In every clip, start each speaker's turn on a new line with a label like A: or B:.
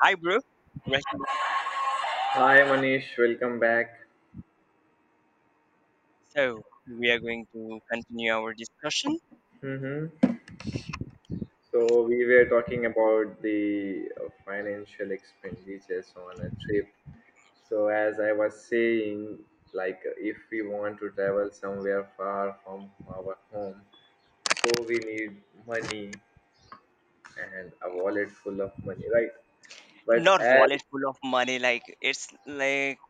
A: Hi, bro. Welcome back.
B: Hi Manish, welcome back.
A: So, we are going to continue our discussion.
B: hmm So we were talking about the financial expenditures on a trip. So as I was saying, like if we want to travel somewhere far from our home, so we need money and a wallet full of money, right? But
A: Not
B: as
A: wallet full of money, like it's like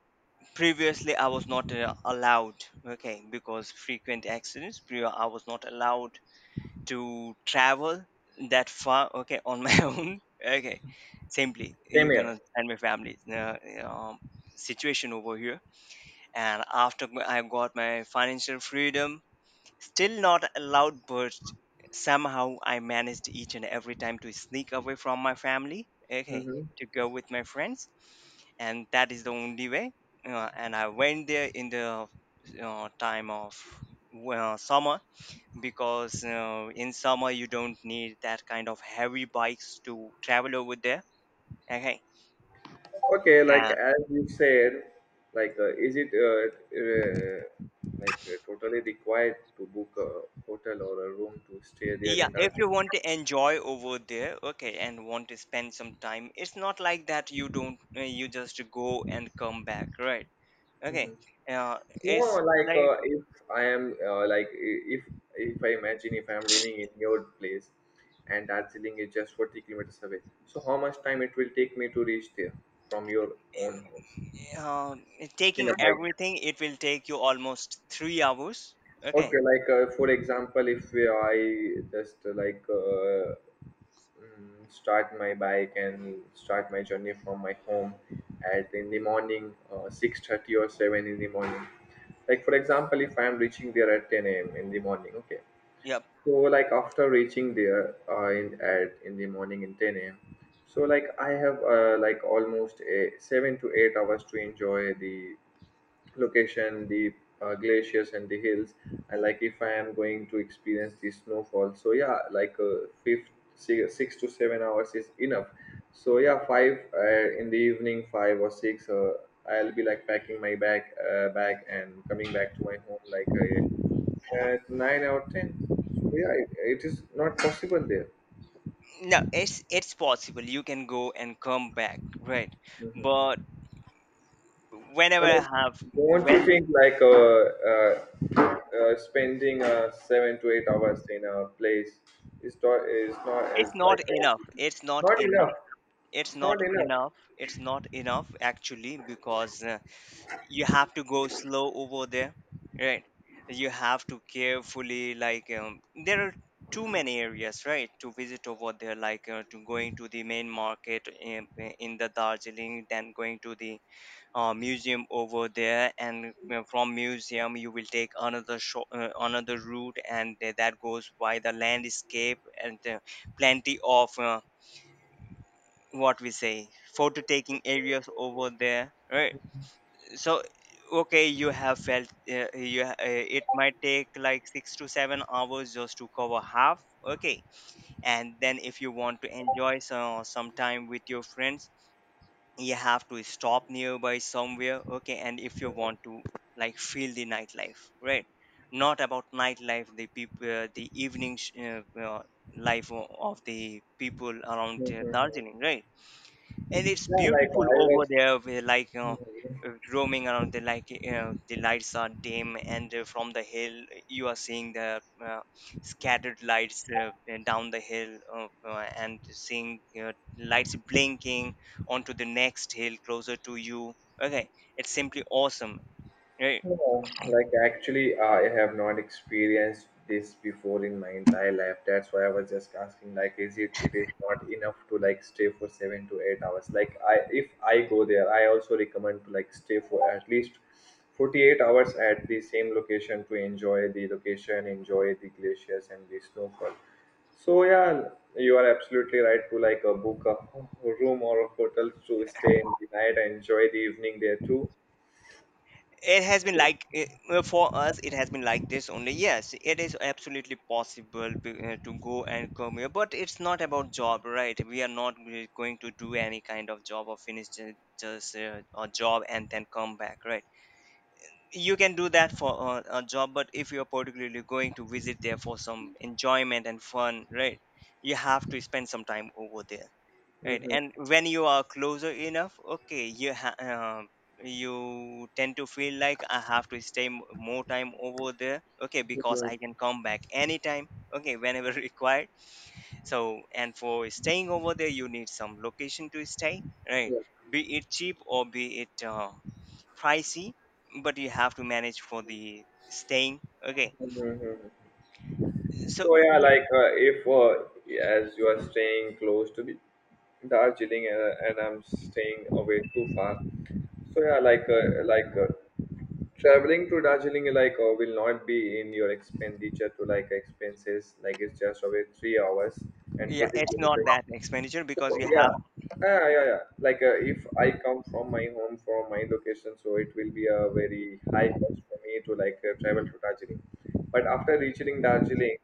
A: previously I was not allowed, okay, because frequent accidents, I was not allowed to travel that far, okay, on my own, okay, simply.
B: Same
A: You can
B: here.
A: understand my family um, situation over here. And after I got my financial freedom, still not a loud burst. Somehow I managed each and every time to sneak away from my family, okay,
B: Mm-hmm.
A: to go with my friends, and that is the only way. And I went there in the time of well, summer because in summer you don't need that kind of heavy bikes to travel over there, okay.
B: Okay, like as you said, like is it like totally required to book a hotel or a room to stay there
A: Yeah,
B: in
A: if you
B: Darjeeling?
A: want to enjoy over there, okay, and want to spend some time, it's not like that you don't, you just go and come back, right? Okay,
B: Mhm.
A: uh,
B: No,
A: it's
B: like
A: like
B: if I am like if I imagine if I am living in your place, and Darjeeling is just 40 kilometers away, so how much time it will take me to reach there from your own house
A: um,
B: in
A: taking
B: a bike?
A: everything, it will take you almost 3 hours. Okay,
B: Okay, like for example, if we- I just like, start my bike and start my journey from my home at in the morning 6:30 or 7 in the morning. Like for example, if I am reaching there at 10 a.m in the morning, okay.
A: yeah,
B: So, like after reaching there in at in the morning in 10 a.m, so like I have like almost a 7 to 8 hours to enjoy the location, the glaciers and the hills, and like if I am going to experience the snowfall. So yeah, like fifth, six, 6 to 7 hours is enough. So yeah, five in the evening, five or six, I'll be like packing my bag, and coming back to my home like at nine or ten. So yeah, it is not possible there.
A: no, it's possible you can go and come back, right?
B: Mhm.
A: But whenever
B: Or,
A: I
B: like,
A: have,
B: don't you
A: when
B: think like spending 7 to 8 hours in a place is not is not is
A: it's not
B: like
A: enough, it's not
B: not enough.
A: enough, it's
B: It's not
A: not
B: enough.
A: enough, it's not enough actually because. You have to go slow over there, right. You have to carefully, like, there are too many areas, right, to visit over there, like to going to the main market in the Darjeeling, then going to the museum over there, and from museum you will take another another route and that goes by the landscape, and plenty of what we say photo taking areas over there, right? So, okay, you have felt, it might take like 6 to 7 hours just to cover half, okay. And then if you want to enjoy some time with your friends, you have to stop nearby somewhere, okay. And if you want to like feel the nightlife, right, not about nightlife, the people, the evening life of the people around
B: Mhm.
A: Darjeeling, right? And it's
B: Yeah, like
A: beautiful
B: I
A: over there, where, like, you know,
B: was.
A: roaming around, the, like, you know, the lights are dim, and from the hill you are seeing the scattered lights down the hill, and seeing lights blinking onto the next hill closer to you, okay. It's simply awesome. Uh,
B: No, like actually, I have not experienced this before in my entire life. That's why I was just asking, like, is it is not enough to like stay for 7 to 8 hours? Like, I if I go there, I also recommend to like stay for at least 48 hours at the same location to enjoy the location, enjoy the glaciers and the snowfall. So yeah, you are absolutely right to like book a room or a hotel to stay in the night and enjoy the evening there too.
A: it has been like for us it has been like this only. Yes, it is absolutely possible to go and come here, but it's not about job, right? We are not really going to do any kind of job or finish just a job and then come back, right? You can do that for a job, but if you're particularly going to visit there for some enjoyment and fun, right, you have to spend some time over there. Right, and when you are closer enough, okay, you tend to feel like I have to stay more time over there, okay, because
B: Mhm.
A: I can come back anytime, okay, whenever required. So, and for staying over there, you need some location to stay, right? Be it cheap or be it pricey, but you have to manage for the staying, okay.
B: Mhm.
A: So,
B: So yeah,
A: yeah,
B: like if as you are staying close to the Darjeeling and I'm staying away too far, so yeah, like traveling to Darjeeling will not be in your expenditure to like expenses. Like, it's just away 3 hours and
A: yeah,
B: forty
A: it's not
B: kilometers
A: that expenditure because you have,
B: Yeah, yeah, yeah, yeah, like if I come from my home from my location, so it will be a very high cost for me to like travel to Darjeeling. But after reaching Darjeeling,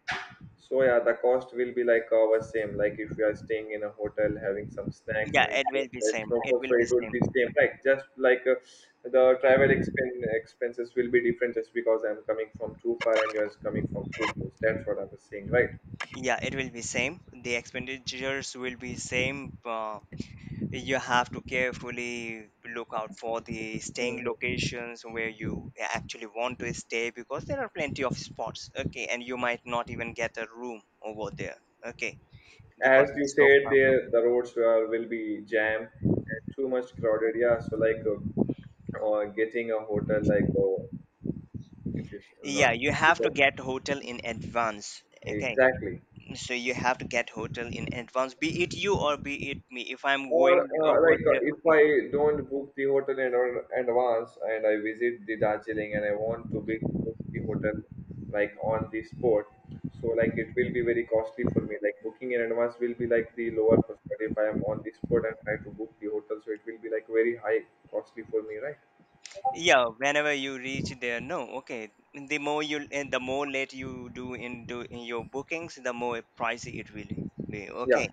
B: so yeah, the cost will be like our same, like if you are staying in a hotel having some snacks
A: yeah,
B: and
A: it will
B: enjoying
A: be
B: the
A: same, it
B: snowfall, so
A: will be
B: it would
A: same.
B: be same like just like the travel expenses will be different just because I'm coming from too far and you're coming from too close. That's what I was saying,
A: Yeah, it will be same. The expenditures will be same. You have to carefully look out for the staying
B: right?
A: locations where you actually want to stay, because there are plenty of spots. Okay, and you might not even get a room over there. Okay,
B: As
A: because
B: you
A: it's so
B: said,
A: crowded.
B: there the will be jammed and too much crowded, yeah. So, like or getting a hotel, like, oh, it is not.
A: Yeah, you have to get hotel in advance. Okay,
B: Exactly.
A: so you have to get hotel in advance, be it you or be it me. If I'm
B: Or
A: going over
B: like
A: there,
B: if
A: okay,
B: I don't book the hotel in advance and I visit the Darjeeling, and I want to be, book the hotel like on the spot, so like it will be very costly for me. Like, booking in advance will be like the lower cost, but if I am on the spot and try to book the hotel, so it will be like very high costly for me, right?
A: yeah, whenever you reach there, no, okay, the more you and the more late you do in your bookings, the more pricey it will be,
B: Yeah.
A: okay.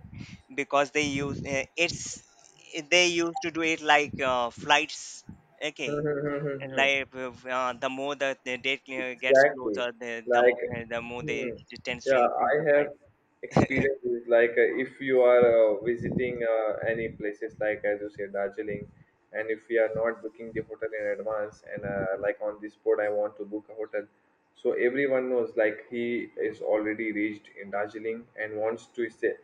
A: Because they use it's they used to do it like flights,
B: Hmm,
A: okay.
B: hmm, hmm, hmm,
A: And
B: hmm.
A: like the more the date gets
B: Exactly.
A: closer, the the,
B: Like,
A: mo- uh, the more
B: hmm.
A: they tends to
B: Yeah, I
A: increase the
B: have
A: price.
B: experience is like if you are visiting any places like as you say Darjeeling, and if we are not booking the hotel in advance, and like on this board I want to book a hotel, so everyone knows like he is already reached in Darjeeling and wants to stay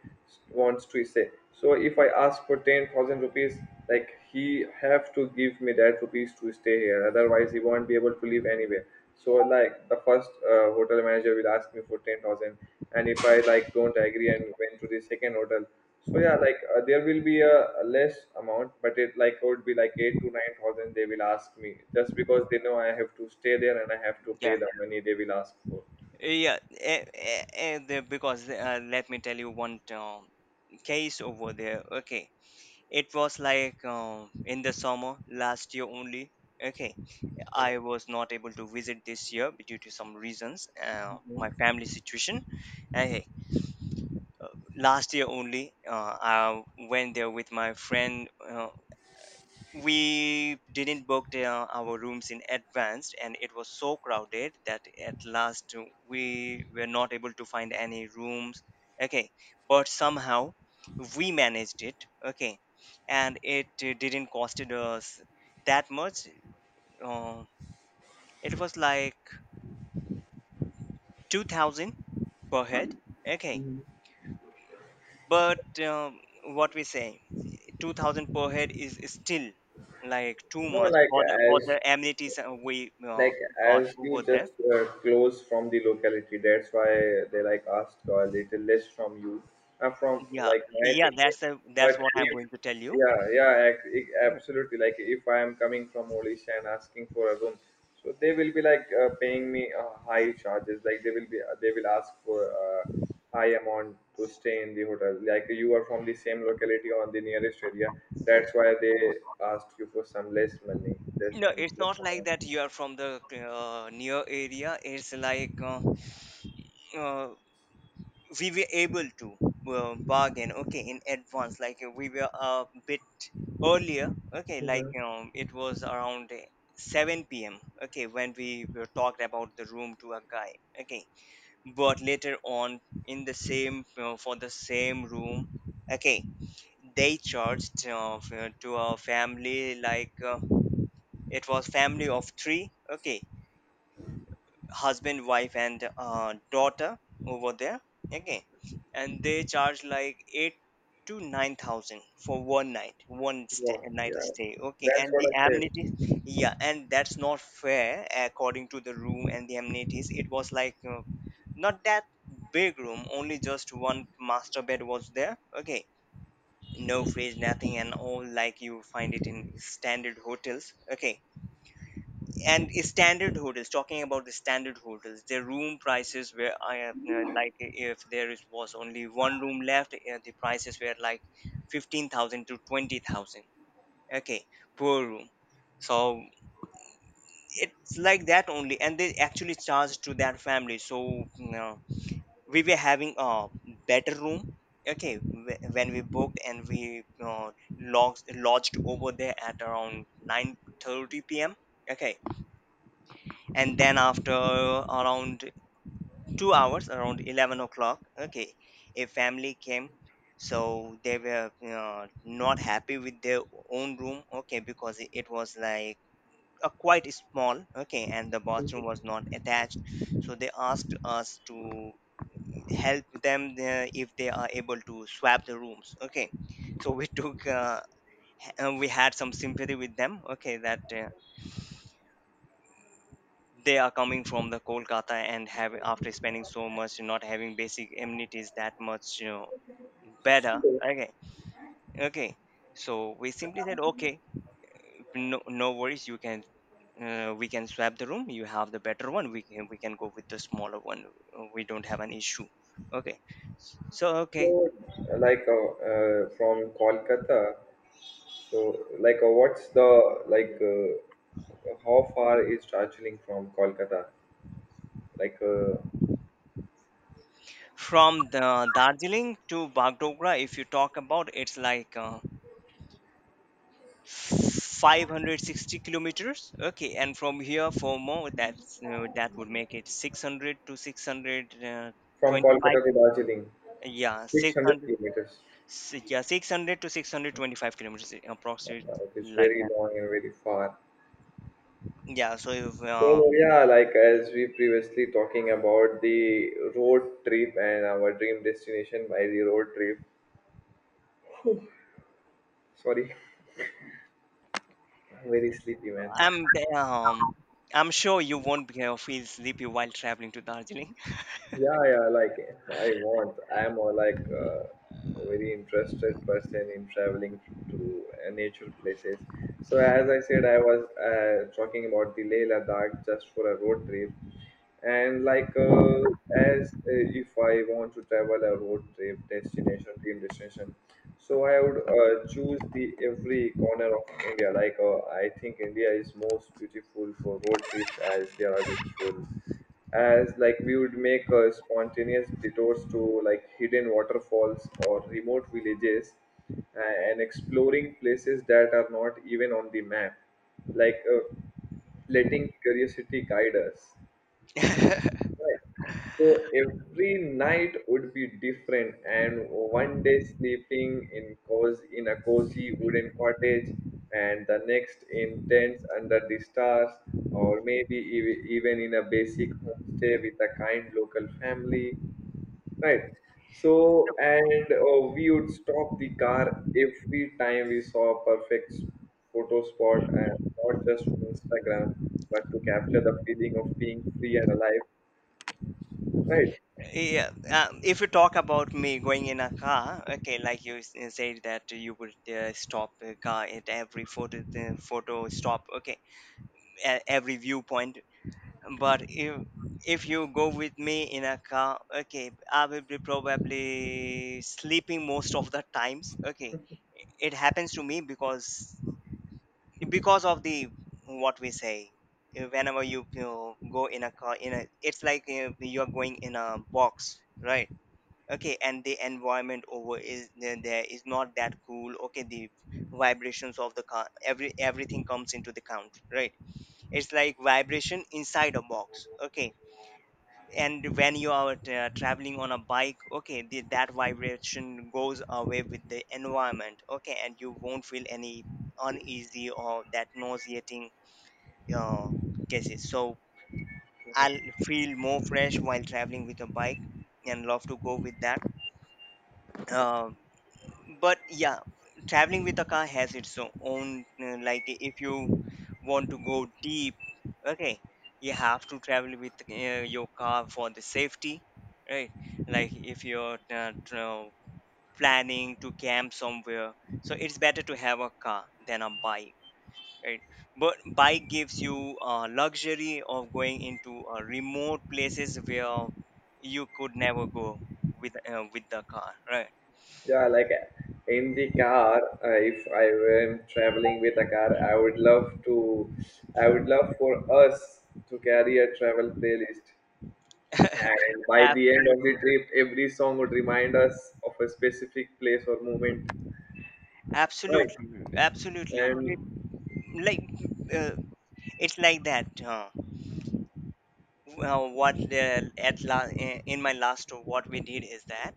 B: wants to stay So if I ask for 10,000 rupees, like he have to give me that rupees to stay here, otherwise he won't be able to live anywhere. So like the first hotel manager will ask me for 10,000, and if I like don't agree and went to the second hotel, so yeah, like there will be a, less amount, but it like would be like 8 to 9 thousand they will ask me just because they know I have to stay there and I have to pay
A: yeah
B: the money they will ask for.
A: yeah eh, eh, eh, the- because let me tell you one case over there, okay. It was like in the summer last year only. Okay, I was not able to visit this year due to some reasons, my family situation. Okay, last year only, I went there with my friend. We didn't book the, our rooms in advance, and it was so crowded that at last we were not able to find any rooms, okay. But somehow we managed it, okay. And it didn't cost us that much, uh, it was like 2,000 per head, okay. But what we say, 2,000 per head is still like too
B: No,
A: much
B: like
A: for
B: as
A: the amenities we
B: like
A: got
B: you
A: over there.
B: just close from the locality, that's why they like asked a little less from you from
A: Yeah,
B: like my
A: yeah,
B: thinking.
A: that's the that's
B: But
A: what I'm
B: if,
A: going to tell you.
B: yeah, yeah,
A: Okay.
B: absolutely, like if I am coming from Odisha and asking for a room, so they will be like paying me high charges, like they will ask for high amount to stay in the hotel, like you are from the same locality on the nearest area, that's why they asked you for some less money, this
A: No,
B: and
A: it's not
B: less
A: like that you are from the near area. It's like uh, we were able to bargain, okay, in advance. Like we were a bit earlier, okay, like
B: amount.
A: it was around 7 p.m., okay, when we were talked about the room to a guy, okay. But later on, in the same for the same room, okay, they charged to a family, like it was family of three, okay, husband, wife, and daughter over there, okay. And they charge like 8 to 9000 for one night, one stay,
B: Yeah,
A: night
B: yeah,
A: stay, okay,
B: that's
A: and
B: what
A: the
B: I
A: amenities, yeah. And that's not fair. According to the room and the amenities, it was like not that big room, only just one master bed was there, okay, no fridge, nothing, and all like you find it in standard hotels, okay. And standard hotels, talking about the standard hotels, their room prices were like if there is, was only one room left, the prices were like 15,000 to 20,000, okay, per room. So it's like that only, and they actually charge to that family. So, you know, we were having a better room, okay, when we booked, and we lodged over there at around 9:30 p.m., okay. And then after around 2 hours, around 11 o'clock, okay, a family came, so they were not happy with their own room, okay, because it was like a quite small, okay, and the bathroom was not attached. So they asked us to help them, if they are able to swap the rooms, okay. So we took we had some sympathy with them, okay, that they are coming from the Kolkata and have, after spending so much, not having basic amenities that much, you know, better,
B: said. So,
A: okay. Okay, so we simply said, okay, no, no worries, you can we can swap the room, you have the better one, we can go with the smaller one. We don't have an issue, okay. So, okay,
B: so like from Kolkata, so like what's the like how far is Darjeeling from Kolkata? Like
A: from the Darjeeling to Bagdogra, if you talk about, it's like 560 kilometers, okay. And from here for more, that's that would make it 600 to
B: from
A: 625.
B: Kolkata to Darjeeling,
A: Yeah,
B: 600
A: 600.
B: kilometers.
A: Yeah, 600 to 625 kilometers, approximately,
B: It's
A: like
B: very
A: that
B: long
A: only.
B: and very far.
A: Yeah, so if,
B: So yeah, like as we previously talking about the road trip and our dream destination by the road trip. Sorry, I'm very sleepy, man.
A: i'm um I'm sure you won't be, feel sleepy while traveling to Darjeeling.
B: Yeah, yeah, like I want. I am like a very interested person in traveling to nature places. So as I said, I was talking about the Leh Ladakh just for a road trip, and like as if I want to travel a road trip destination, dream destination, so I would choose the every corner of India. Like I think India is most beautiful for road trips as they are beautiful, as like we would make spontaneous detours to like hidden waterfalls or remote villages, and exploring places that are not even on the map, like letting curiosity guide us. Right. So every night would be different, and one day sleeping in a cozy wooden cottage, and the next in tents under the stars, or maybe even in a basic homestay with a kind local family, right? So, and we would stop the car every time we saw a perfect photo spot, and not just for Instagram, but to capture the feeling of being free and alive, right?
A: Yeah, if you talk about me going in a car, okay, like you said that you would stop a car at every photo stop, okay, at every viewpoint. But if you go with me in a car, okay, I will be probably sleeping most of the times. Okay, it happens to me because of the what we say. Whenever you, you know, go in a car, in a, it's like you're going in a box, right? Okay, and the environment over there is not that cool. Okay, the vibrations of the car, everything comes into the count, right? It's like vibration inside a box. Okay, and when you are traveling on a bike, okay, that vibration goes away with the environment. Okay, and you won't feel any uneasy or that nauseating uh, cases. So I'll feel more fresh while traveling with a bike and love to go with that. Um, but yeah, traveling with a car has its own, like if you want to go deep, okay, you have to travel with your car for the safety, right? Like if you're planning to camp somewhere, so it's better to have a car than a bike, right? But bike gives you luxury of going into remote places where you could never go with the car, right?
B: Yeah, like in the car, if I am traveling with a car, I would love for us to carry a travel playlist. And by the end of the
A: absolutely.
B: trip, every song would remind us of a specific place or moment. Right.
A: Absolutely, absolutely.
B: And
A: It- Like uh, it's like that. Well, what at la- I- in my last tour, what we did is that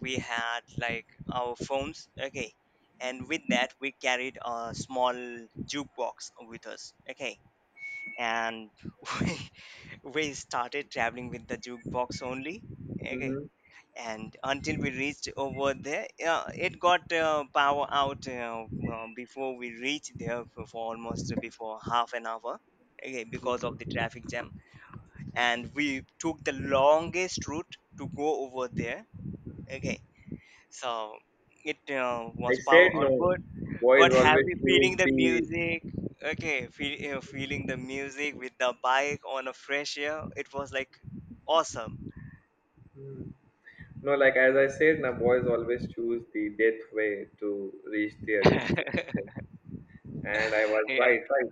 A: we had like our phones, okay, and with that we carried a small jukebox with us, okay, and we started traveling with the jukebox only, okay,
B: Mhm,
A: and until we reached over there, yeah, it got power out, before we reached there for almost before half an hour, okay, because
B: mhm.
A: of the traffic jam. And we took the longest route to go over there, okay. So it
B: I
A: was power
B: said
A: out,
B: no. Boys
A: but
B: always
A: happy
B: choose
A: feeling the
B: the.
A: music. Okay, feeling the music with the bike on a fresh air, it was like awesome.
B: Mm. No, like as I said, now boys always choose the death way to reach their destination. And I was
A: yeah,
B: right. Right.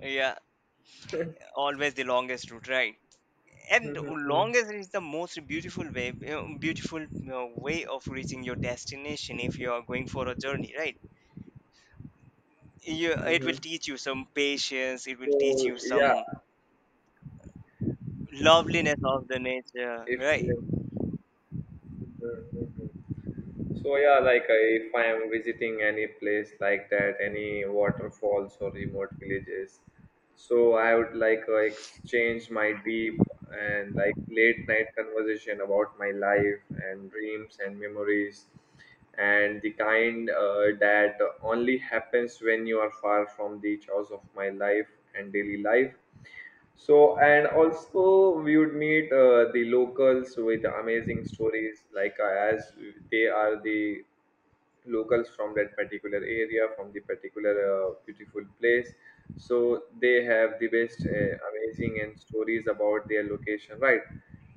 A: yeah, always the longest route, right? And
B: Mm-hmm.
A: longest is the most beautiful way, beautiful way of reaching your destination if you are going for a journey, right? You, it will
B: Mm-hmm.
A: teach you some patience, it will teach
B: So
A: you
B: yeah,
A: some loveliness of the nature,
B: if
A: right?
B: Mhm. So yeah, like if I am visiting any place like that, any waterfalls or remote villages, so I would like exchange my deep and like late night conversation about my life and dreams and memories, and the kind that only happens when you are far from the chores of my life and daily life. So, and also we would meet the locals with amazing stories, like as they are the locals from that particular area, from the particular beautiful place. So they have the best amazing and stories about their location, right?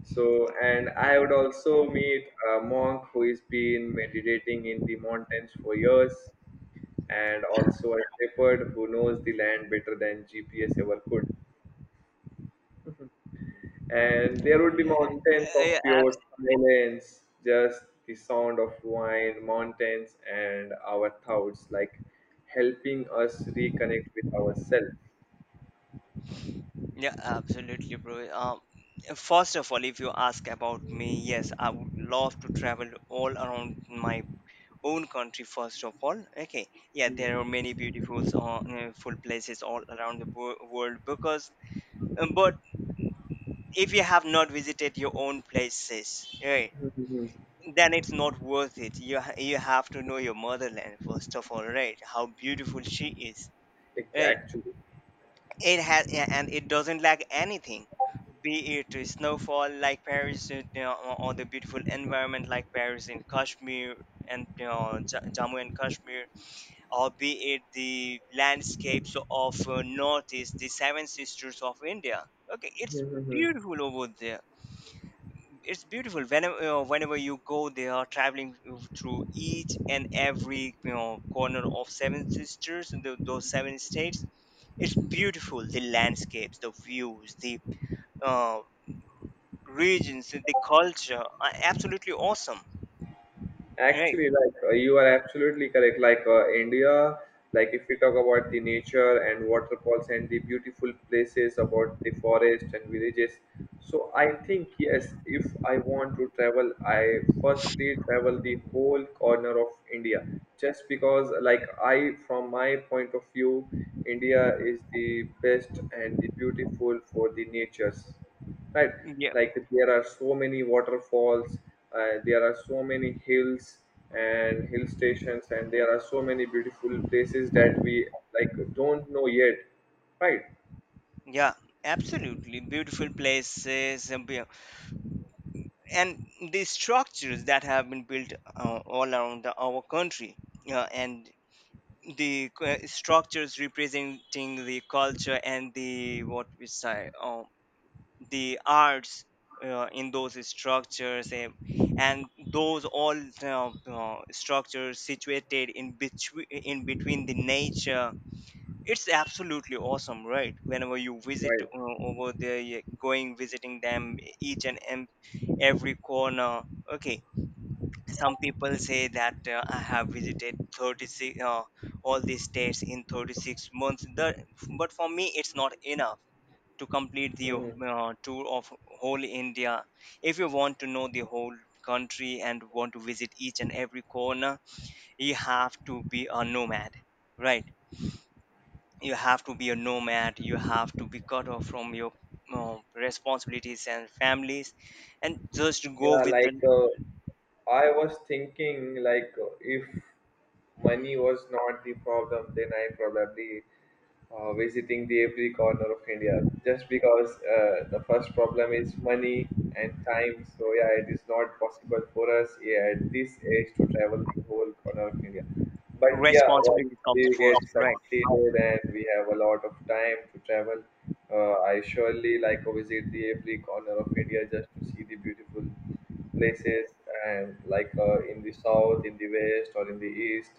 B: So, and I would also meet a monk who has been meditating in the mountains for years, and also a shepherd who knows the land better than GPS ever could. And there would be mountains
A: Uh,
B: of
A: yeah,
B: pure
A: abs-
B: silence, just the sound of wine, mountains, and our thoughts, like helping us reconnect with ourselves.
A: yeah, absolutely, bro. um, First of all, if you ask about me, yes, I would love to travel all around my own country first of all, okay. Yeah,
B: Mhm.
A: there are many beautiful full places all around the world, because but if you have not visited your own places, right,
B: Mhm.
A: then it's not worth it. You you have to know your motherland first of all, right? How beautiful she is,
B: It's
A: right?
B: actually.
A: It and it doesn't lack anything, be it a snowfall like Paris, you know, or the beautiful environment like Paris in Kashmir, and you know, Jammu and Kashmir, or be it the landscapes of northeast, the seven sisters of India. Okay,
B: Hmm,
A: it's
B: hmm, hmm.
A: beautiful over there. It's beautiful whenever whenever you go there traveling through each and every, you know, corner of seven sisters and those seven states. It's beautiful, the landscapes, the views, the uh, regions, the culture are absolutely awesome, right?
B: Actually, like you are absolutely correct. India, like if we talk about the nature and waterfalls and the beautiful places about the forest and villages, so I think yes, if I want to travel, I firstly travel the whole corner of India, just because like I, from my point of view, India is the best and the beautiful for the natures, right.
A: Yeah,
B: Like there are so many waterfalls. There are so many hills and hill stations, and there are so many beautiful places that we, like don't know yet, right.
A: yeah, absolutely beautiful places. And the structures that have been built all around our country, and the structures representing the culture and the what we say, the arts, in those structures, and those all structures situated in between the nature. It's absolutely awesome, right? Whenever you visit
B: Right.
A: over there, you going visiting them, each and every corner. Okay, some people say that I have visited 36 all these states in 36 months but for me it's not enough to complete the
B: Hmm.
A: tour of whole India. If you want to know the whole country and want to visit each and every corner, you have to be a nomad, right? You have to be a nomad, you have to be cut off from your responsibilities and families and just go
B: Yeah.
A: with the
B: I was thinking if money was not the problem, then I probably visiting the every corner of India, just because the first problem is money and time. So yeah, it is not possible for us, yeah, at this age to travel the whole corner of India. But yeah, once
A: responsibility. Comes
B: we get
A: first, right?
B: succeeded and we have a lot of time to travel, I surely like to visit the every corner of India just to see the beautiful places, and in the south, in the west, or in the east.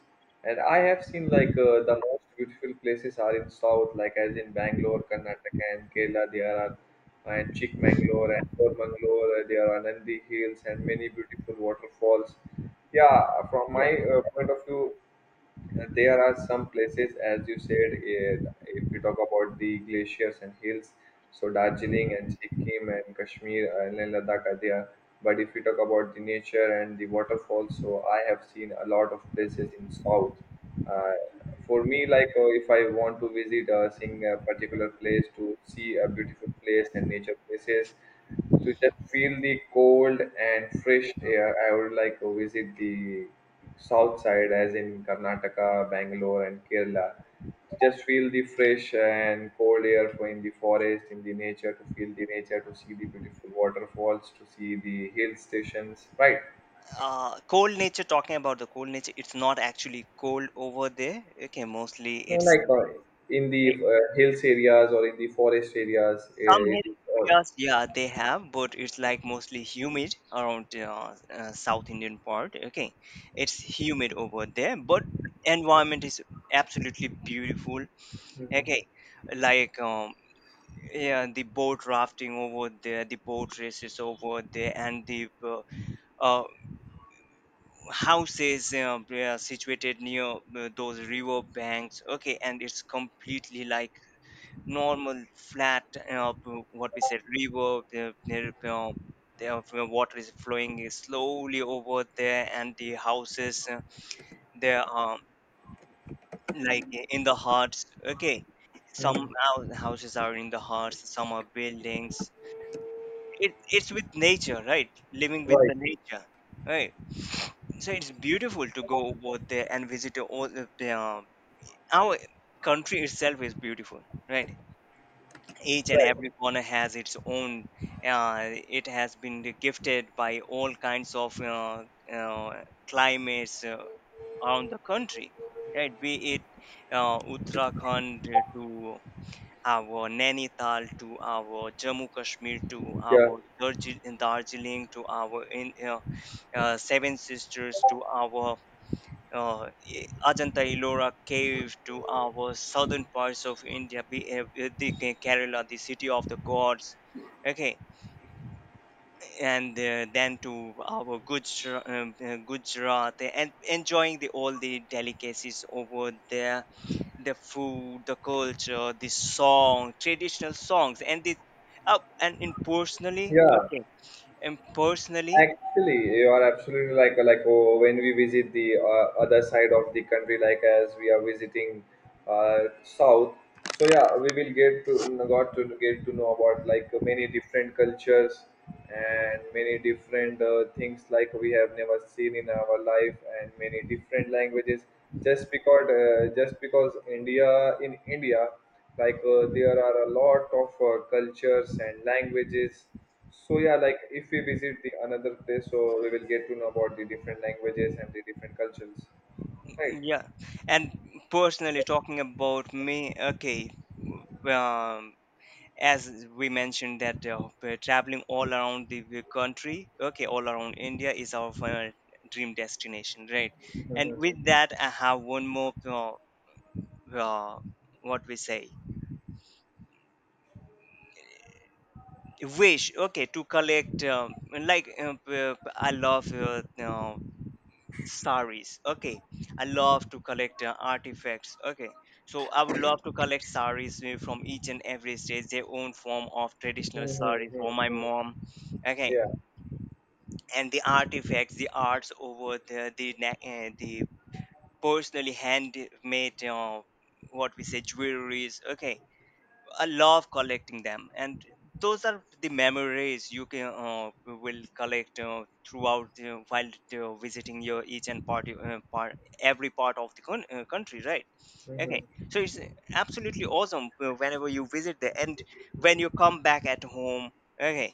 B: And I have seen the most beautiful places are in south, like as in Bangalore, Karnataka, and Kerala. There are and Chikmagalur and Mangalore. There are Nandi Hills and many beautiful waterfalls. Yeah, from my
A: Yes.
B: point of view, there are some places, as you said, if we talk about the glaciers and hills, so Darjeeling and Sikkim and Kashmir and Ladakh are there. But if we talk about the nature and the waterfalls, so I have seen a lot of places in South. Uh, for me, if I want to visit seeing a particular place to see a beautiful place and nature places, to just feel the cold and fresh air, I would like to visit the south side, as in Karnataka, Bangalore, and Kerala. To just feel the fresh and cold air for in the forest, in the nature, to feel the nature, to see the beautiful waterfalls, to see the hill stations, right?
A: Cold nature, talking about the cold nature, it's not actually cold over there. Okay, mostly
B: So,
A: it's like,
B: in the
A: eh,
B: hills areas or in the forest areas,
A: some
B: it
A: heat
B: is all.
A: areas yeah they have, but it's like mostly humid around south Indian part, okay. It's humid over there, but environment is absolutely beautiful. Okay, like yeah, the boat rafting over there, the boat races over there, and the uh, houses, they are situated near those river banks. Okay, and it's completely like normal flat. What we said, river. The water is flowing slowly over there, and the houses, there are like in the huts, okay,
B: Mm.
A: some houses are in the huts, some are buildings. It's with nature, right, living with
B: Right,
A: the nature, right? So it's beautiful to go over there and visit all our country itself is beautiful, right? Each and
B: right.
A: every corner has its own, uh, it has been gifted by all kinds of climates around the country, right? Be it Uttarakhand, to our Nainital, to our Jammu Kashmir, to
B: Yeah,
A: our Darjeeling, to our in, Seven Sisters, to our Ajanta Ellora cave, to our southern parts of India, the Kerala, the city of the gods. Okay, and then to our Gujarat, Gujarat, and enjoying the all the delicacies over there, the food, the culture, the song, traditional songs, and the up and in personally,
B: yeah.
A: okay, and personally,
B: Actually, you are absolutely oh, when we visit the other side of the country, like as we are visiting south. So yeah, we will get to got to get to know about like many different cultures and many different things like we have never seen in our life, and many different languages. Just because India in India, there are a lot of cultures and languages. So yeah, like if we visit the another place, so we will get to know about the different languages and the different cultures, right?
A: yeah, and personally talking about me, okay, um, as we mentioned that we're traveling all around the country, okay, all around India is our dream destination, right? And
B: Mm-hmm.
A: with that, I have one more, uh, what we say, wish, okay, to collect, like I love saris, okay, I love to collect artifacts, okay. So I would love to collect saris from each and every state, their own form of traditional
B: Hmm.
A: saris for my mom, okay.
B: Yeah.
A: And the artifacts, the arts over the personally handmade what we say jewelries, okay, I love collecting them. And those are the memories you can will collect throughout while visiting your each and part, part every part of the country, right? Okay,
B: Mm-hmm.
A: so it's absolutely awesome whenever you visit there, and when you come back at home. Okay,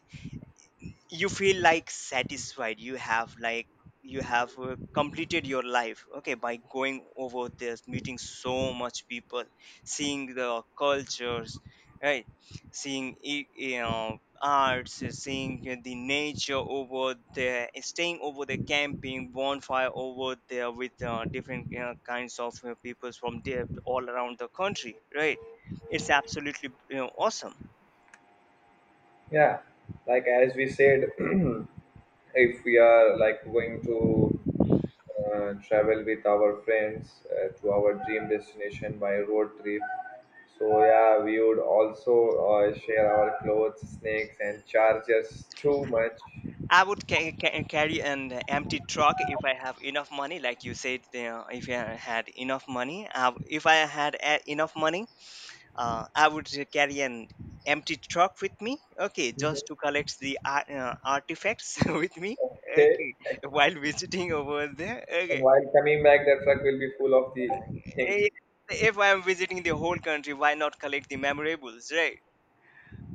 A: you feel like satisfied, you have like you have completed your life, okay, by going over this, meeting so much people, seeing the cultures, right, seeing you know, arts, seeing the nature over there, staying over there, camping, bonfire over there with different, you know, kinds of people from there all around the country, right? It's absolutely, you know, awesome.
B: Yeah. Like as we said, if we are like going to travel with our friends to our dream destination by road trip, so yeah, we would also share our clothes, snacks, and chargers too much.
A: I would carry an empty truck if I have enough money, like you said. You know, if I had enough money, if I had a- enough money, I would carry an empty truck with me. Okay, just
B: Hmm.
A: to collect the artifacts with me.
B: Okay.
A: Okay, while visiting over there.
B: And
A: Okay,
B: while coming back, the truck will be full of the things.
A: Eh, if I'm visiting the whole country, why not collect the memorables, right?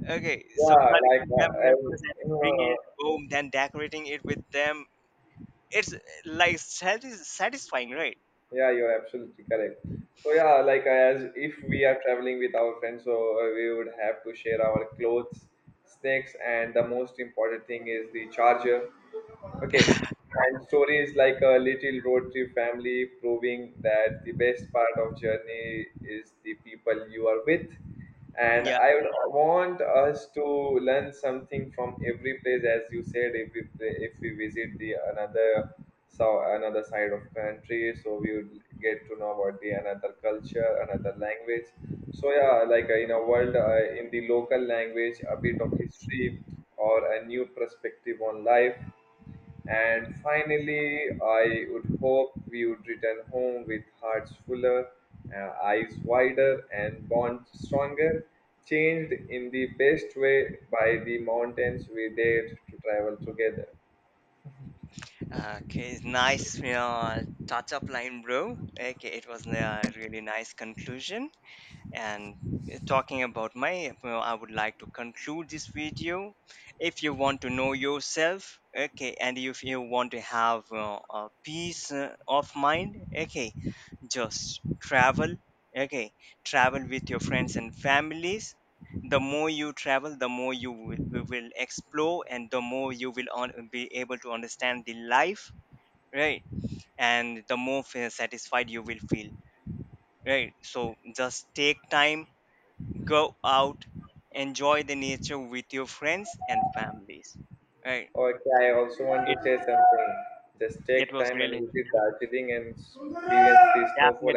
A: Okay, so
B: Yeah,
A: collect the memorables and bring
B: uh,
A: it home, then decorating it with them, it's like satisfying, right?
B: yeah, you're absolutely correct. So yeah, as if we are traveling with our friends, so we would have to share our clothes, snacks, and the most important thing is the charger. Okay, and stories, like a little road trip family, proving that the best part of journey is the people you are with. And
A: Yeah.
B: I would want us to learn something from every place, as you said, if we if we visit the another, so another side of country, so we would get to know about the another culture, another language. So yeah, in a world, in the local language, a bit of history or a new perspective on life. And finally, I would hope we would return home with hearts fuller, eyes wider, and bonds stronger, changed in the best way by the mountains we dared to travel together.
A: Okay, nice, you know, touch up line, bro. Okay, it was a really nice conclusion. And talking about my, well, I would like to conclude this video. If you want to know yourself, okay, and if you want to have a peace of mind, okay, just travel, okay. Travel with your friends and families. The more you travel, the more you will explore, and the more you will be able to understand the life, right? And the more satisfied you will feel, right? So just take time, go out, enjoy the nature with your friends and families, right?
B: Okay, I also want to
A: it
B: say something. Just
A: it
B: take
A: was
B: time and
A: really
B: visit Darjeeling and experience the snowfall.
A: definitely